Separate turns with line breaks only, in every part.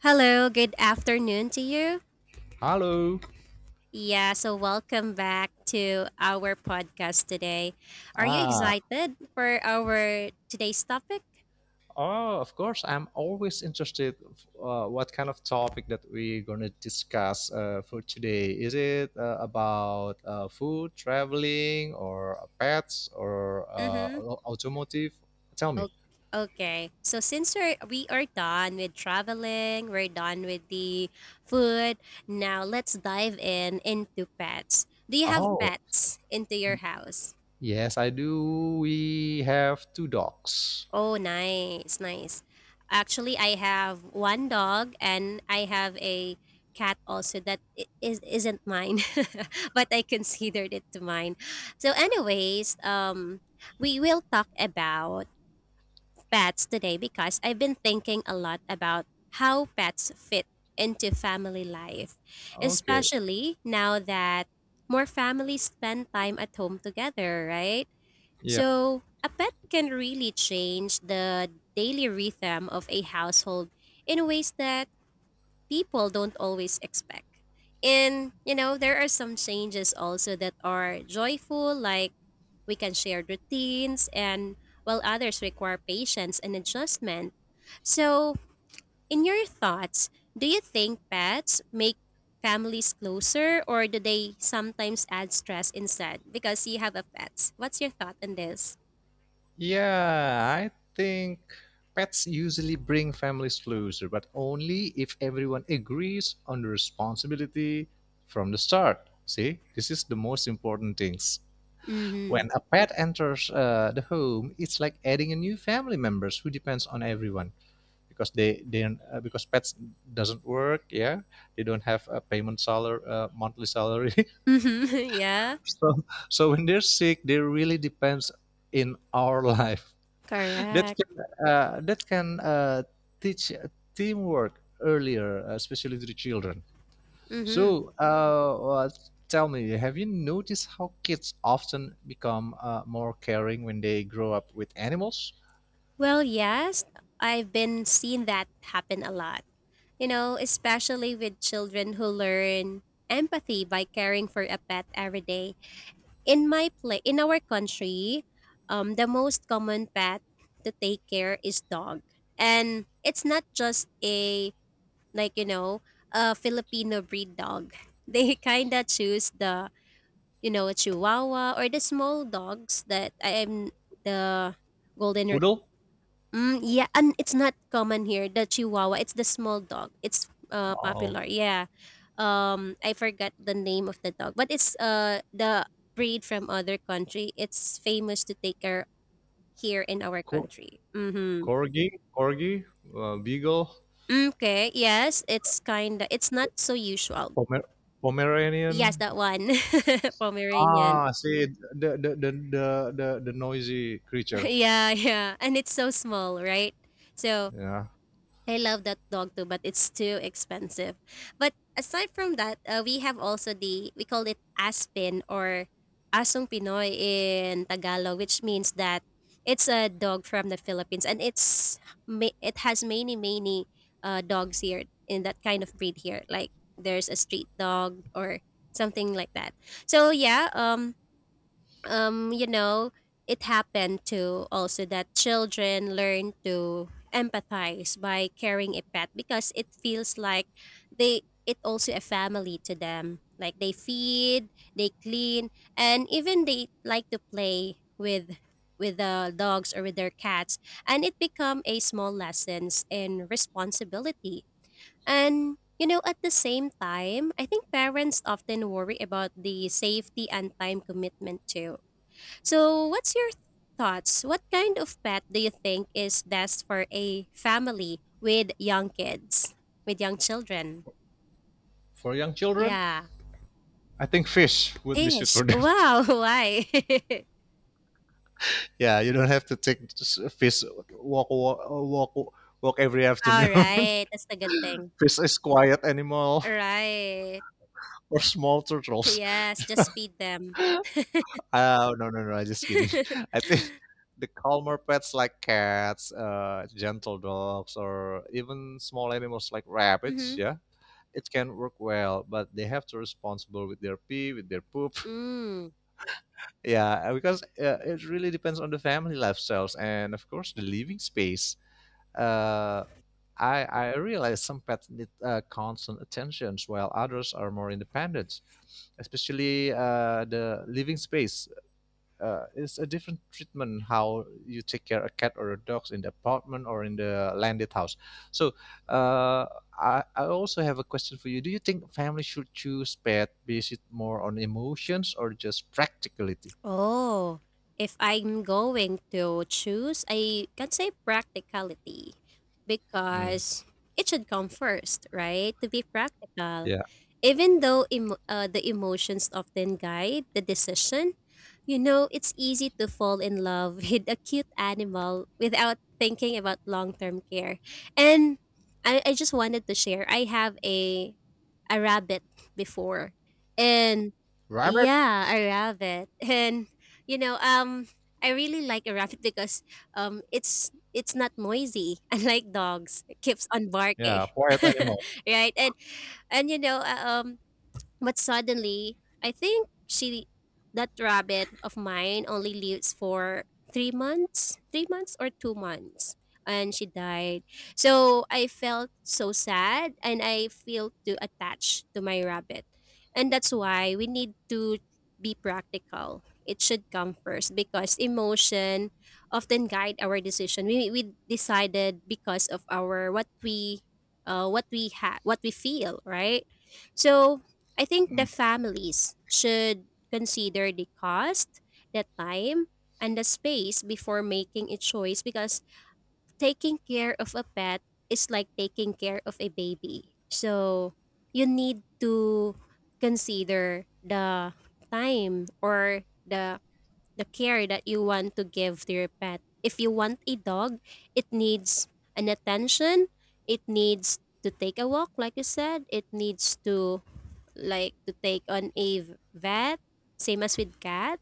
Hello, good afternoon to you.
Hello.
Yeah, so welcome back to our podcast today. Are you
Ah,
excited for our today's topic?
Oh, of course. I'm always interested what kind of topic that we're gonna discuss for today. Is it about food, traveling, or pets, or
Mm-hmm.
automotive? Tell me.
Okay. Okay. So we are done with traveling, we're done with the food. Now let's dive in into pets. Do you have
oh,
pets into your house?
Yes, I do. We have two dogs.
Oh, nice, nice. Actually, I have one dog and I have a cat also that I- is isn't mine, but I considered it to mine. So, anyways, we will talk about pets today because I've been thinking a lot about how pets fit into family life,
Okay.
especially now that more families spend time at home together, right?
Yeah.
So, a pet can really change the daily rhythm of a household in ways that people don't always expect. And, you know, there are some changes also that are joyful, like we can share routines, and while others require patience and adjustment. So, in your thoughts, do you think pets make families closer, or do they sometimes add stress instead because you have a pet? What's your thought on this?
Yeah, I think pets usually bring families closer, but only if everyone agrees on the responsibility from the start. See, this is the most important things.
Mm-hmm.
When a pet enters the home, it's like adding a new family members who depends on everyone because they because pets doesn't work. Yeah, they don't have a payment salary, monthly salary.
Mhm, yeah,
so so when they're sick, they really depends in our life that can
correct.
uh, that can uh, teach teamwork earlier, especially to the children.
Mhm.
So, uh, tell me, have you noticed how kids often become more caring when they grow up with animals?
Well, yes, I've been seeing that happen a lot. You know, especially with children who learn empathy by caring for a pet every day. In my pla In our country, the most common pet to take care is dog, and it's not just a like you know a Filipino breed dog. They kinda choose the, you know, a chihuahua or the small dogs that I am the golden re-
Poodle,
mm, yeah, and it's not common here, the chihuahua. It's the small dog. It's
oh,
popular. Yeah. I forgot the name of the dog, but it's the breed from other country. It's famous to take care here in our
cor-
country. Mhm.
corgi, beagle,
Okay, yes, it's kind of it's not so usual.
Pomer-
Yes,
Pomeranian.
that one. Pomeranian.
Ah, see the noisy creature.
Yeah, yeah. And it's so small, right? So,
Yeah,
I love that dog too, but it's too expensive. But aside from that, we have also the, we call it Aspen or Asong Pinoy in Tagalog, which means that it's a dog from the Philippines, and it's it has many many dogs here in that kind of breed here. Like there's a street dog or something like that. So yeah, you know, it happened to also that children learn to empathize by carrying a pet because it feels like they it also a family to them. Like they feed, they clean, and even they like to play with the dogs or with their cats. And it become a small lessons in responsibility. And you know, at the same time, I think parents often worry about the safety and time commitment too, so what's your thoughts? What kind of pet do you think is best for a family with young kids, with young children?
for young children,
Yeah.
I think fish would be suit
Fish.
for them.
Wow. Why?
Yeah, you don't have to take fish walk walk walk walk every afternoon.
All right. That's a good thing.
Fish is quiet animal
Right.
or small turtles.
Yes. Just feed them.
Oh no no no! I'm just kidding. I think the calmer pets like cats, gentle dogs, or even small animals like rabbits.
Mm-hmm.
Yeah, it can work well, but they have to responsible with their pee, with their poop.
Mm.
Yeah, because it really depends on the family lifestyles and of course the living space. Uh, I realize some pets need constant attention, while others are more independent. Especially the living space is a different treatment how you take care a cat or a dog in the apartment or in the landed house. So uh, I also have a question for you. Do you think families should choose pet based more on emotions or just practicality?
Oh, if I'm going to choose, I can say practicality
Mm.
because it should come first, right? To be practical.
Yeah,
Even though emo the emotions often guide the decision, you know, it's easy to fall in love with a cute animal without thinking about long term care. And I just wanted to share I have a rabbit before. And
rabbit.
yeah, a rabbit. And you know, I really like a rabbit because it's not noisy unlike dogs. It keeps on barking.
Yeah, quiet animal.
Right? And you know, but suddenly, I think she that rabbit of mine only lives for 3 months, 3 months or 2 months, and she died. So I felt so sad, and I feel too attached to my rabbit, and that's why we need to be practical. It should come first because emotion often guide our decision. We decided because of our what we had, what we feel, right? So I think the
Mm.
families should consider the cost, the time, and the space before making a choice because taking care of a pet is like taking care of a baby. So you need to consider the time or the care that you want to give to your pet. If you want a dog, it needs an attention, it needs to take a walk like you said, it needs to like to take on a vet, same as with cat.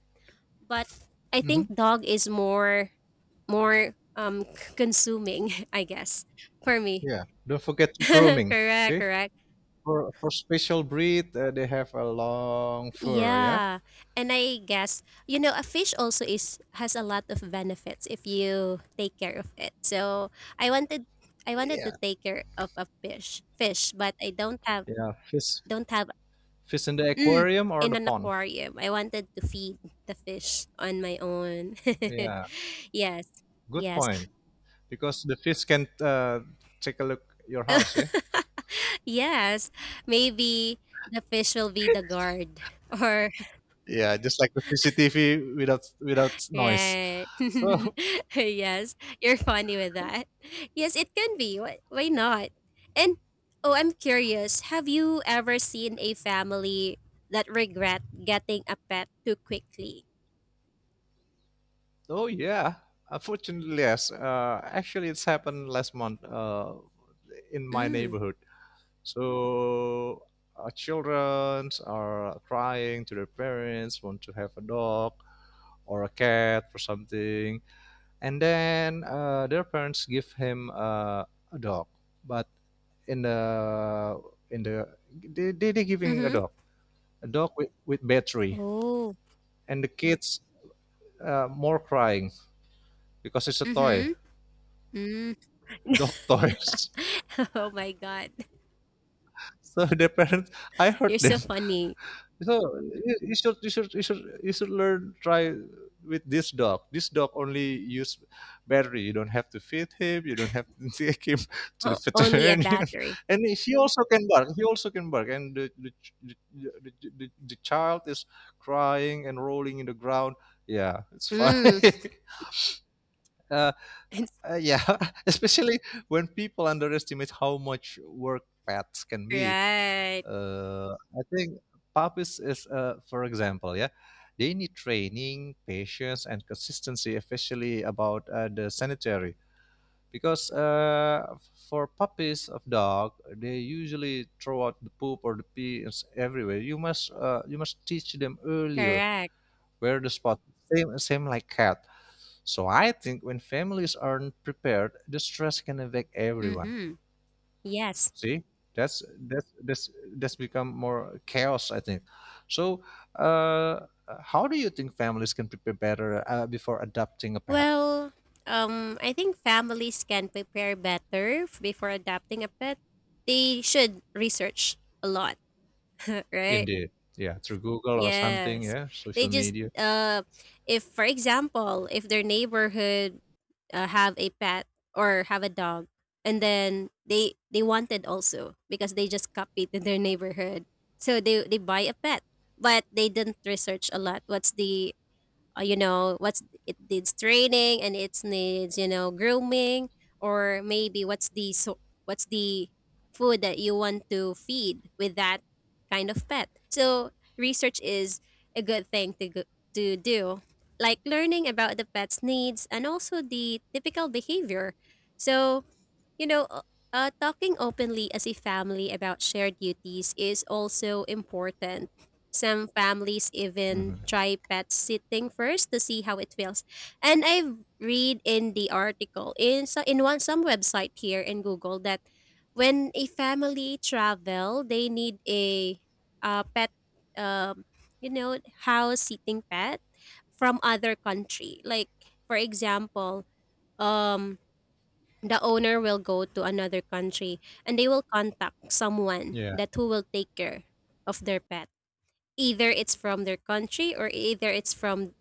But I
Hmm.
think dog is more consuming, I guess, for me.
Yeah. Don't forget grooming.
Correct,
Okay.
correct.
For special breed, they have a long fur. Yeah,
Yeah. And I guess, you know, a fish also is has a lot of benefits if you take care of it. So I wanted I wanted to
yeah.
take care of a fish, but I don't have
yeah. Fish
don't have
Fish in the
Mm,
aquarium or
in
the
an
pond.
aquarium. I wanted to feed the fish on my own.
Yeah,
Yes.
good
Yes.
point. Because the fish can take a look your house. Yeah.
Yes. Maybe the fish will be the guard or
Yeah, just like the CCTV without without noise.
right.
So,
Yes. You're funny with that. Yes, it can be. Why not? And oh, I'm curious. Have you ever seen a family that regret getting a pet too quickly?
oh yeah. Unfortunately, yes. Actually, it's happened last month in my
Mm.
neighborhood. So, our children are crying to their parents, want to have a dog, or a cat or something. And then their parents give him a dog, but in the in the they giving
Mm-hmm.
a dog with battery,
Oh.
and the kids more crying because it's a toy
Mm-hmm. Mm.
dog toys.
Oh my God.
So their parents, I heard
You're
them.
so funny.
So you should learn try with this dog. This dog only use battery. You don't have to feed him. You don't have to take him to the
O- only a
veterinarian.
battery.
And he also can bark. He also can bark. And the, the, the child is crying and rolling in the ground. Yeah, it's fun.
Mm.
uh,
It's
yeah, especially when people underestimate how much work pets can be.
right.
I think puppies is, for example, yeah, they need training, patience, and consistency, especially about the sanitary. Because for puppies of dog, they usually throw out the poop or the pee is everywhere. You must teach them earlier
Correct.
where the spot. Same same like cat. So I think when families aren't prepared, the stress can affect everyone.
Mm-hmm. Yes.
See, that's that's that's that's become more chaos, I think. So, uh, how do you think families can prepare better before adopting a pet?
Well, I think families can prepare better before adopting a pet. They should research a lot, right?
Indeed, yeah, through Google or something,
Yes.
yeah,
They
social
just
media.
if for example, if their neighborhood have a pet or have a dog, and then they wanted also because they just copied in their neighborhood, so they buy a pet but they didn't research a lot what's the you know what's it needs training, and it needs you know grooming, or maybe what's the so what's the food that you want to feed with that kind of pet, so research is a good thing to to do, like learning about the pet's needs and also the typical behavior. So you know, talking openly as a family about shared duties is also important. Some families even
Hmm.
try pet sitting first to see how it feels. And I've read in the article in so in one some website here in Google that when a family travel, they need a pet, um, you know, house sitting pet from other country. Like for example, um the owner will go to another country and they will contact someone
Yeah,
that who will take care of their pet, either it's from their country or either it's from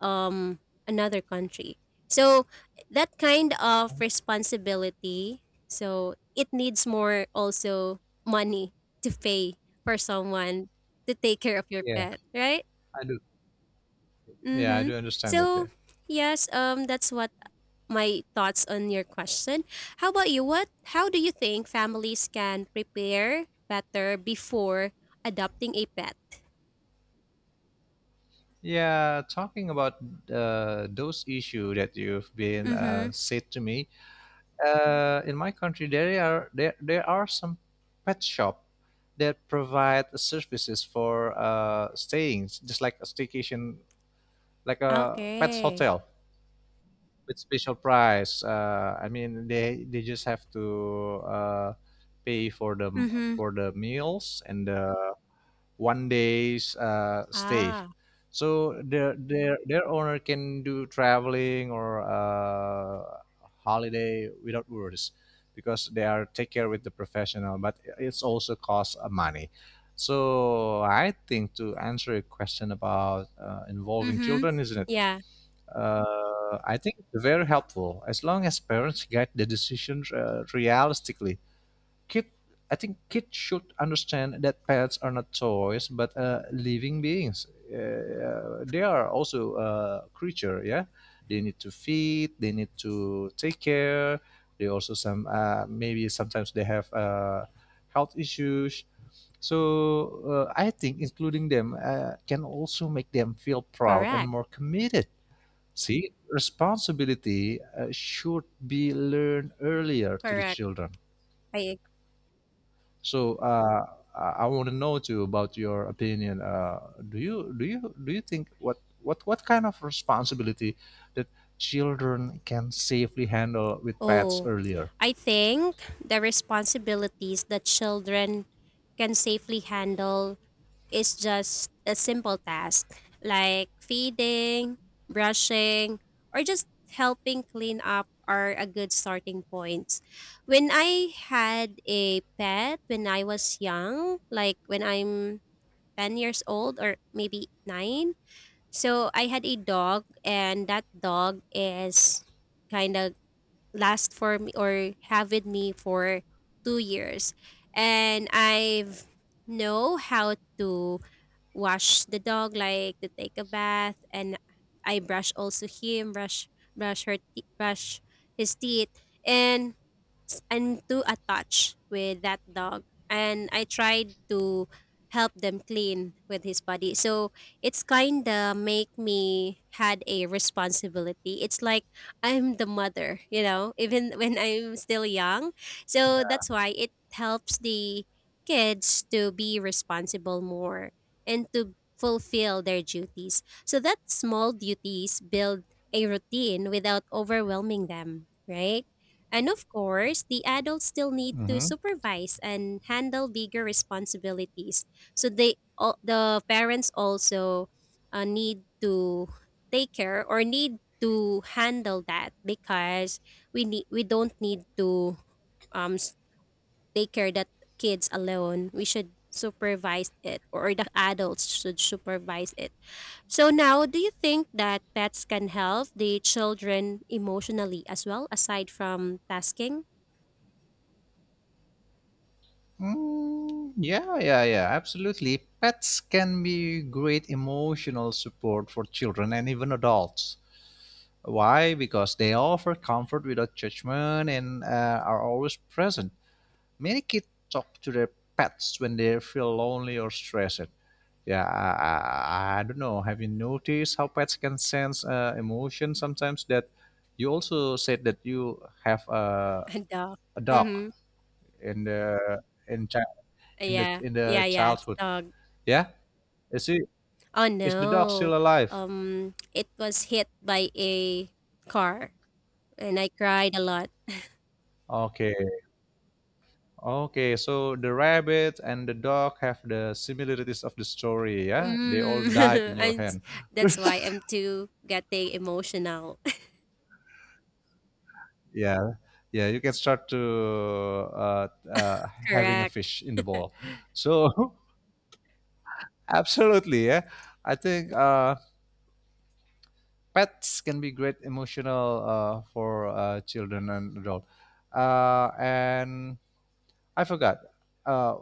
um another country, so that kind of responsibility, so it needs more also money to pay for someone to take care of your
yeah,
pet, right?
I do. Yeah, I
Mhm.
do understand that. Yeah,
So yes, that's what my thoughts on your question. How about you? What how do you think families can prepare better before adopting a pet?
yeah. Talking about those issue that you've been
Mhm.
said to me, in my country there, there are some pet shop that provide services for staying just like a staycation like a pets
Okay.
hotel with special price I mean they just have to pay
Mhm.
for the meals and the one day's stay.
Ah.
So their owner can do traveling or holiday without worries because they are take care with the professional, but it's also cost money. So I think to answer your question about involving
Mhm.
children, isn't it?
Yeah,
I think very helpful as long as parents guide the decisions realistically. Kid I think kids should understand that pets are not toys but living beings, they are also a creature. Yeah, they need to feed, they need to take care. They also some maybe sometimes they have health issues. So I think including them can also make them feel proud and
correct.
more committed. See, responsibility should be learned earlier to the
Correct.
children.
I ag-
So I want to know too about your opinion. Do you think what what kind of responsibility that children can safely handle with pets
Oh,
earlier?
I think the responsibilities that children can safely handle, it's just a simple task like feeding, brushing, or just helping clean up are a good starting points. When I had a pet when I was young, like when I'm 10 years old or maybe 9, so I had a dog and that dog is kind of last for me or have with me for 2 years, and I've know how to wash the dog, like to take a bath, and I brush also him, brush his teeth, and close and too attached with that dog. And I tried to help them clean with his body. So it's kinda make me had a responsibility. It's like I'm the mother, you know, even when I'm still young. So that's why it helps the kids to be responsible more and to fulfill their duties. So that small duties build a routine without overwhelming them, right? And of course, the adults still need to
Mm-hmm.
supervise and handle bigger responsibilities. So the parents also need to take care or need to handle that because we don't need to um s- take care that kids alone. We should supervise it or the adults should supervise it. So now, do you think that pets can help the children emotionally as well aside from tasking?
Mm, yeah, absolutely. Pets can be great emotional support for children and even adults. Why? Because they offer comfort without judgment and are always present. Many kids talk to their pets when they feel lonely or stressed. Yeah, I don't know. Have you noticed how pets can sense emotion sometimes? That you also said that you have
A dog.
a dog
Mhm.
in the in chi-
Yeah.
in
Yeah,
the
yeah, it's
childhood.
dog.
Yeah, is it
Oh,
is the dog
no.
still alive?
It was hit by a car, and I cried a lot.
Okay, okay. So the rabbit and the dog have the similarities of the story. Yeah, they all died in
Mm.
your
And
hand.
that's why I'm too getting emotional.
Yeah, yeah. You can start to having a
Correct.
fish in the bowl. So. Absolutely, yeah. I think pets can be great emotional for children and adult. And I forgot uh,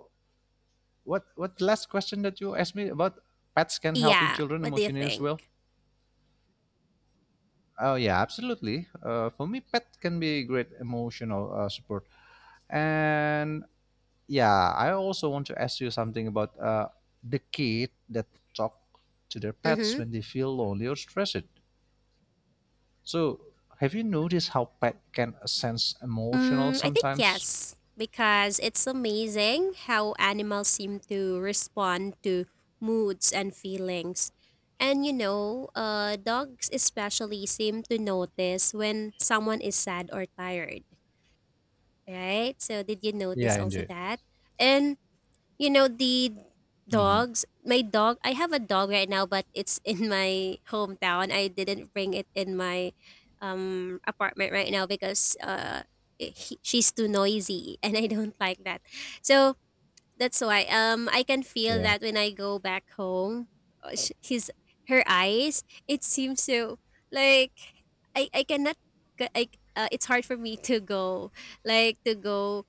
what last question that you asked me about pets can helping
Yeah.
children
What do you
emotionally as well.
think?
Oh yeah, absolutely. For me, pet can be great emotional support. And yeah, I also want to ask you something about the kid that talk to their pets
Mhm.
when they feel lonely or stressed. So, have you noticed how pet can sense emotional
Mm, I think
sometimes?
yes, because it's amazing how animals seem to respond to moods and feelings. And you know, dogs especially seem to notice when someone is sad or tired, right? So, did you
Yeah,
notice also
indeed.
that? And you know, the
Hmm.
dogs, my dog, I have a dog right now, but it's in my hometown. I didn't bring it in my apartment right now because she's too noisy and I don't like that. So that's why I can feel
Yeah.
that when I go back home, sh- his her eyes, it seems so like I cannot g- I it's hard for me to go like to go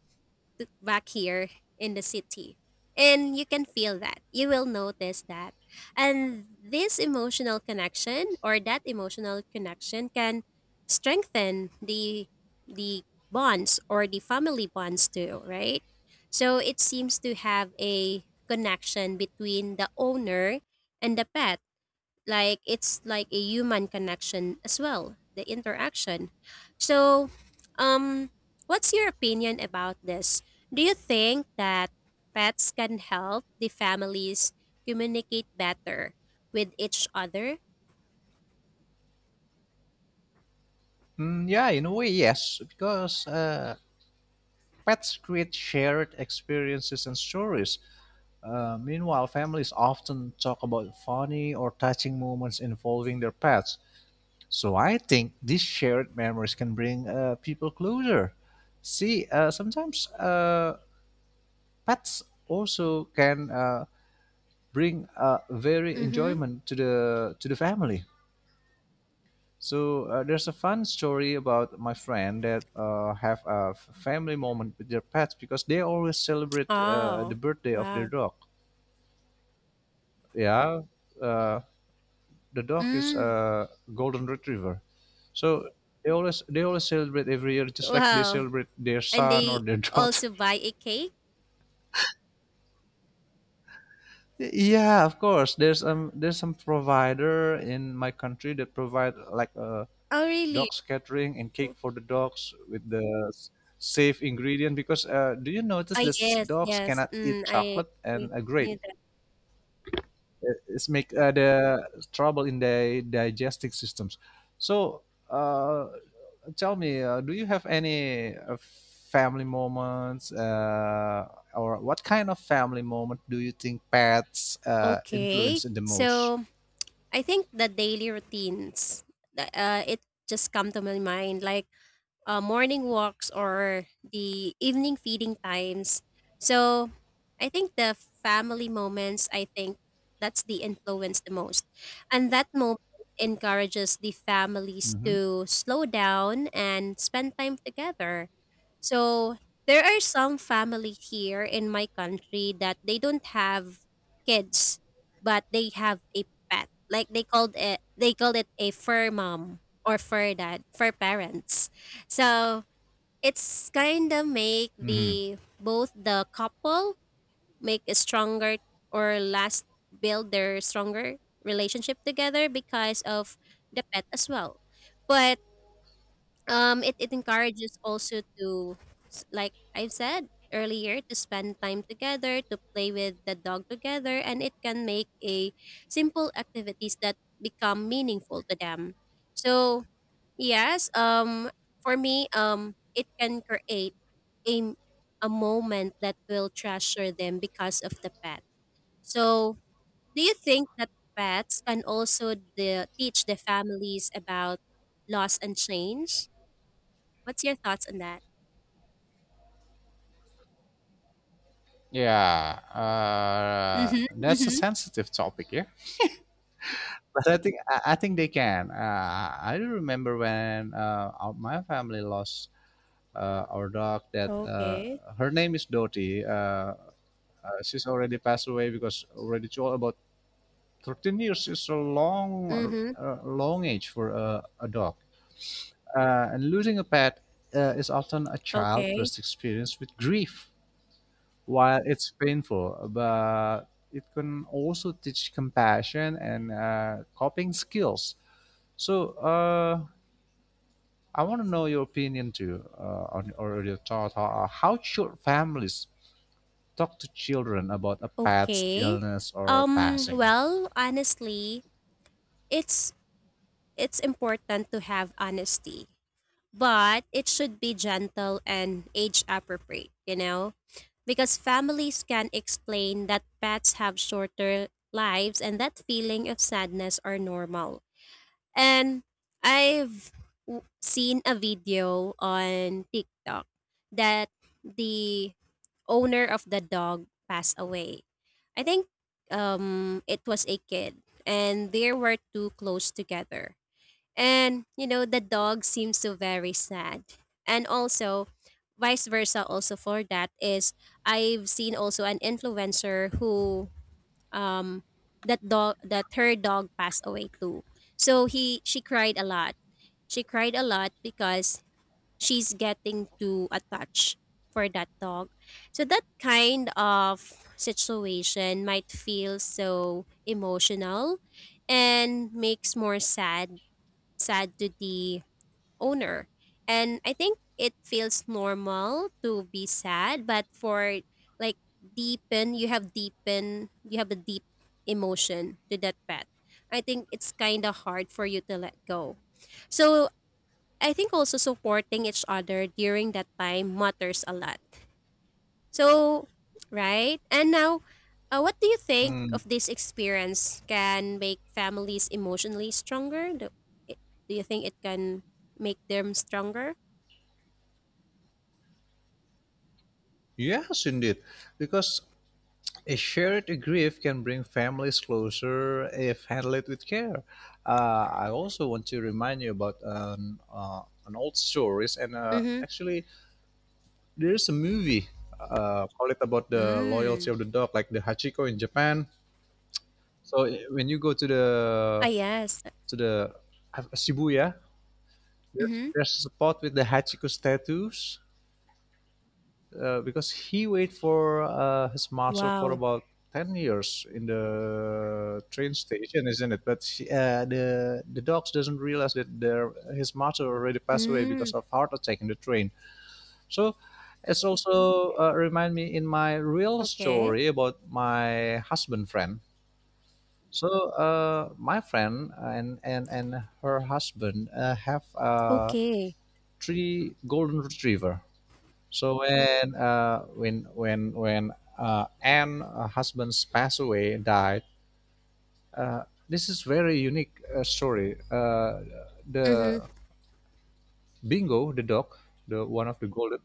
back here in the city. And you can feel that. You will notice that. And this emotional connection or that emotional connection can strengthen the bonds or the family bonds too, right? So it seems to have a connection between the owner and the pet, like it's like a human connection as well, the interaction. So um what's your opinion about this? Do you think that pets can help the families communicate better with each other?
Mm, yeah, in a way, yes, because pets create shared experiences and stories. Meanwhile, families often talk about funny or touching moments involving their pets. So I think these shared memories can bring people closer. See, sometimes pets also can bring very
Mm-hmm.
enjoyment to the family. So there's a fun story about my friend that have a family moment with their pets because they always celebrate the
Oh,
birthday of their
wow.
dog. Yeah, uh, the dog is
Mm,
a golden retriever, so they always celebrate every year just like they
wow.
celebrate their
And
son or
they
their daughter.
also buy a cake?
Yeah, of course. There's some provider in my country that provide like a
Oh, really?
dogs catering and cake for the dogs with the s- safe ingredient because do you notice
Ah,
this
yes,
dogs
yes.
cannot eat
Mm,
chocolate
I
and a grape.
knew that.
It- it's make the trouble in their digestive systems. So uh, tell me do you have any family moments or what kind of family moment do you think pets
Okay.
influence in the most?
So, I think the daily routines, it just come to my mind. Like morning walks or the evening feeding times. So I think the family moments, I think that's the influence the most. And that moment encourages the families
Hmm.
to slow down and spend time together. So there are some family here in my country that they don't have kids, but they have a pet. Like they called it a fur mom or fur dad, fur parents. So it's kind of make
Hmm.
the both the couple make a stronger or last build their stronger relationship together because of the pet as well. But it, it encourages also to like I've said earlier, to spend time together, to play with the dog together, and it can make a simple activities that become meaningful to them. So yes, for me it can create a a moment that will treasure them because of the pet. So, do you think that pets can also the, teach the families about loss and change? What's your thoughts on that?
Yeah,
Mhm.
that's a
Mhm.
sensitive topic, yeah, but I think I think they can. I do remember when my family lost our dog. That
Okay.
her name is Dottie. She's already passed away because already too old. About 13 years is a long,
Mhm.
long age for a dog. And losing a pet is often a child's
Okay.
first experience with grief. While it's painful, but it can also teach compassion and coping skills. So, I want to know your opinion too, on, or your thought. How should families talk to children about a pet's
Okay.
illness or passing?
Well, honestly, it's it's important to have honesty, but it should be gentle and age appropriate, you know? Because families can explain that pets have shorter lives and that feeling of sadness are normal. And I've seen a video on TikTok that the owner of the dog passed away. I think it was a kid, and they were too close together. And, you know, the dog seems so very sad. And also, vice versa, also for that is I've seen also an influencer who, um, that dog, that her dog passed away too. So he, she cried a lot. She cried a lot because she's getting too attached for that dog. So that kind of situation might feel so emotional and makes more sad, sad to the owner. And I think it feels normal to be sad, but for like deepen, you have a deep emotion to that pet. I think it's kind of hard for you to let go. So I think also supporting each other during that time matters a lot. So, right? And now, what do you think
Mm,
of this experience can make families emotionally stronger? I- do you think it can make them stronger?
yes, indeed. Because a shared grief can bring families closer if handled with care. I also want to remind you about an old stories and
Mhm.
actually there's a movie called it about the loyalty
Mm.
of the dog, like the Hachiko in Japan. So when you go
Ah, yes.
to the Shibuya.
Mhm.
There's a spot with the Hachiko statues because he waited for his master for
Wow.
about 10 years in the train station isn't it, but she, the dogs doesn't realize that their his master already passed away because
Mm.
of heart attack in the train. So it's also remind me in my real
Okay.
story about my husband friend. So my friend and her husband have a
Okay.
three golden retriever. So when Anne husband's passed away died, uh, this is very unique story.
Mhm.
The Bingo, the dog, the one of the golden,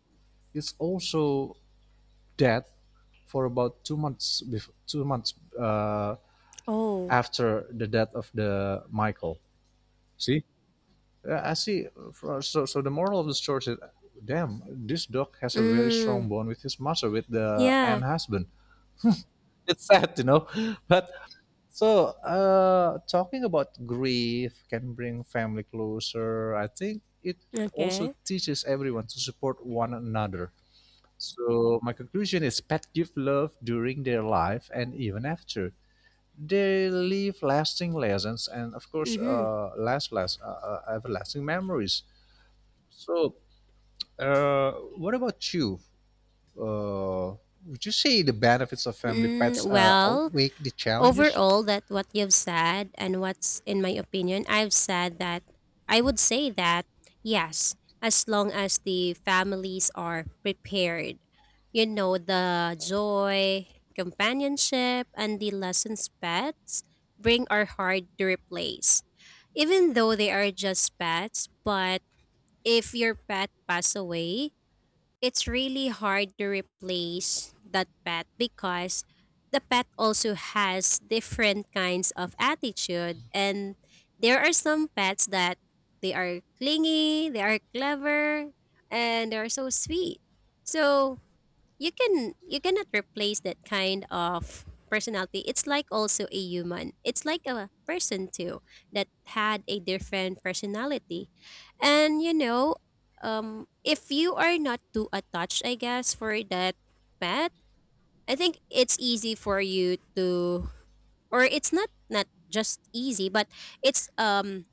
is also dead for about 2 months before, 2 months uh,
Oh.
after the death of the Michael. See, uh, I see. So the moral of the story is, damn, this dog has a very strong
Mm.
bond with his master, with the and
Yeah.
husband. It's sad, you know. But so, talking about grief can bring family closer. I think it also
Okay.
teaches everyone to support one another. So, my conclusion is, pet give love during their life and even after. They leave lasting lessons and, of course,
Mhm.
everlasting memories. So, uh, what about you? Uh, would you say the benefits of family
Mm,
pets
well,
outweigh the challenges?
overall that what you've said and what's in my opinion I've said that I would say that yes, as long as the families are prepared, you know, the joy, companionship, and the lessons pets bring are hard to replace, even though they are just pets. But if your pet pass away, it's really hard to replace that pet because the pet also has different kinds of attitude, and there are some pets that they are clingy, they are clever, and they are so sweet. So you can, you cannot replace that kind of personality. It's like also a human, it's like a person too that had a different personality. And you know, if you are not too attached, I guess, for that pet, I think it's easy for you to, or it's not, not just easy, but it's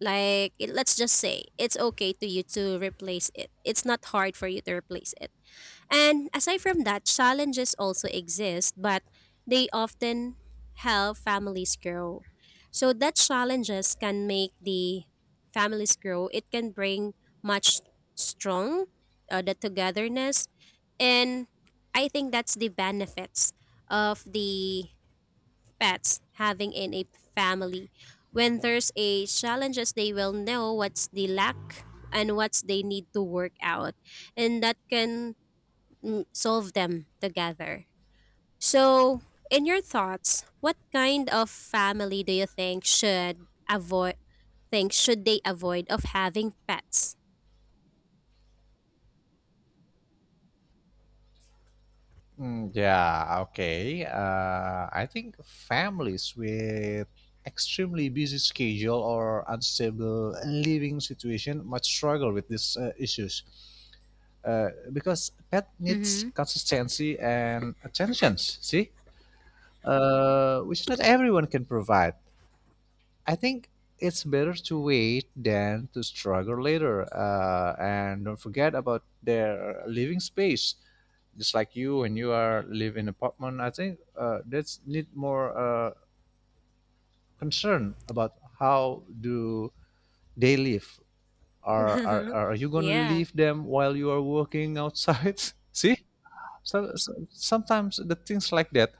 like it, let's just say it's okay to you to replace it, it's not hard for you to replace it. And aside from that, challenges also exist, but they often help families grow. So that challenges can make the families grow. It can bring much strong the togetherness, and I think that's the benefits of the pets having in a family. When there's a challenges, they will know what's the lack and what's they need to work out, and that can solve them together. So, in your thoughts, what kind of family do you think should avoid, think should they avoid of having pets?
Mm, yeah, okay. I think families with extremely busy schedule or unstable living situation might struggle with these issues because pet needs
Mhm.
consistency and attention, see, which not everyone can provide. I think it's better to wait than to struggle later. And don't forget about their living space. Just like you, when you are live in apartment, I think that's need more concern about how do they live. Are you gonna
Yeah.
leave them while you are working outside? See? So, so sometimes the things like that,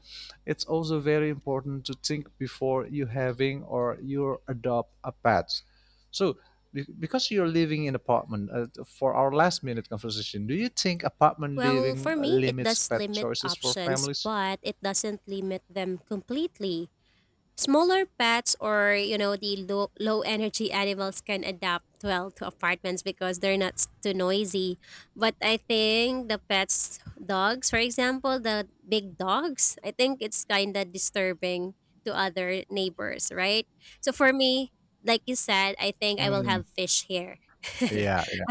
it's also very important to think before you having or you adopt a pet. So because you're living in apartment, for our last minute conversation, do you think apartment
Well,
living
for me, it
limits
does
pet
limit
choices for
options,
families?
but it doesn't limit them completely. Smaller pets or, you know, the low, low energy animals can adapt well to apartments because they're not too noisy. But I think the pets, dogs, for example, the big dogs, I think it's kind of disturbing to other neighbors, right? So for me, like you said, I think I will
Mm,
have fish here.
yeah, yeah,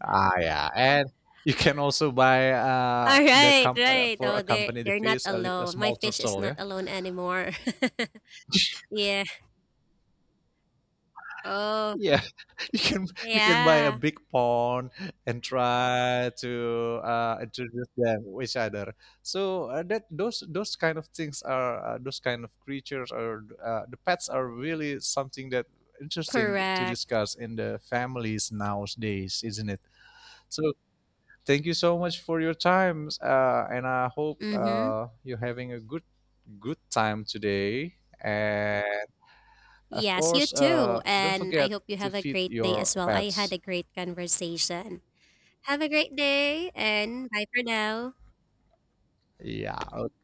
yeah, and you can also buy
All right, right.
for
Oh, they're
accompany the
they're not
fish a, a
alone. My
small
fish is
turtle,
not
yeah.
alone anymore. Yeah. Oh,
Yeah, you can you can buy a
yeah.
big pond and try to introduce them to each other. So that those kind of things are those kind of creatures or the pets are really something that interesting to
Correct.
discuss in the families nowadays, isn't it? So thank you so much for your time, and I hope
Mm-hmm.
you're having a good time today. And of
Yes, you
course,
too.
don't
And I
forget
hope you
to
have a
feed
great day as
your
well. I had
pets.
a great conversation. Have a great day and bye for now.
Yeah. Okay,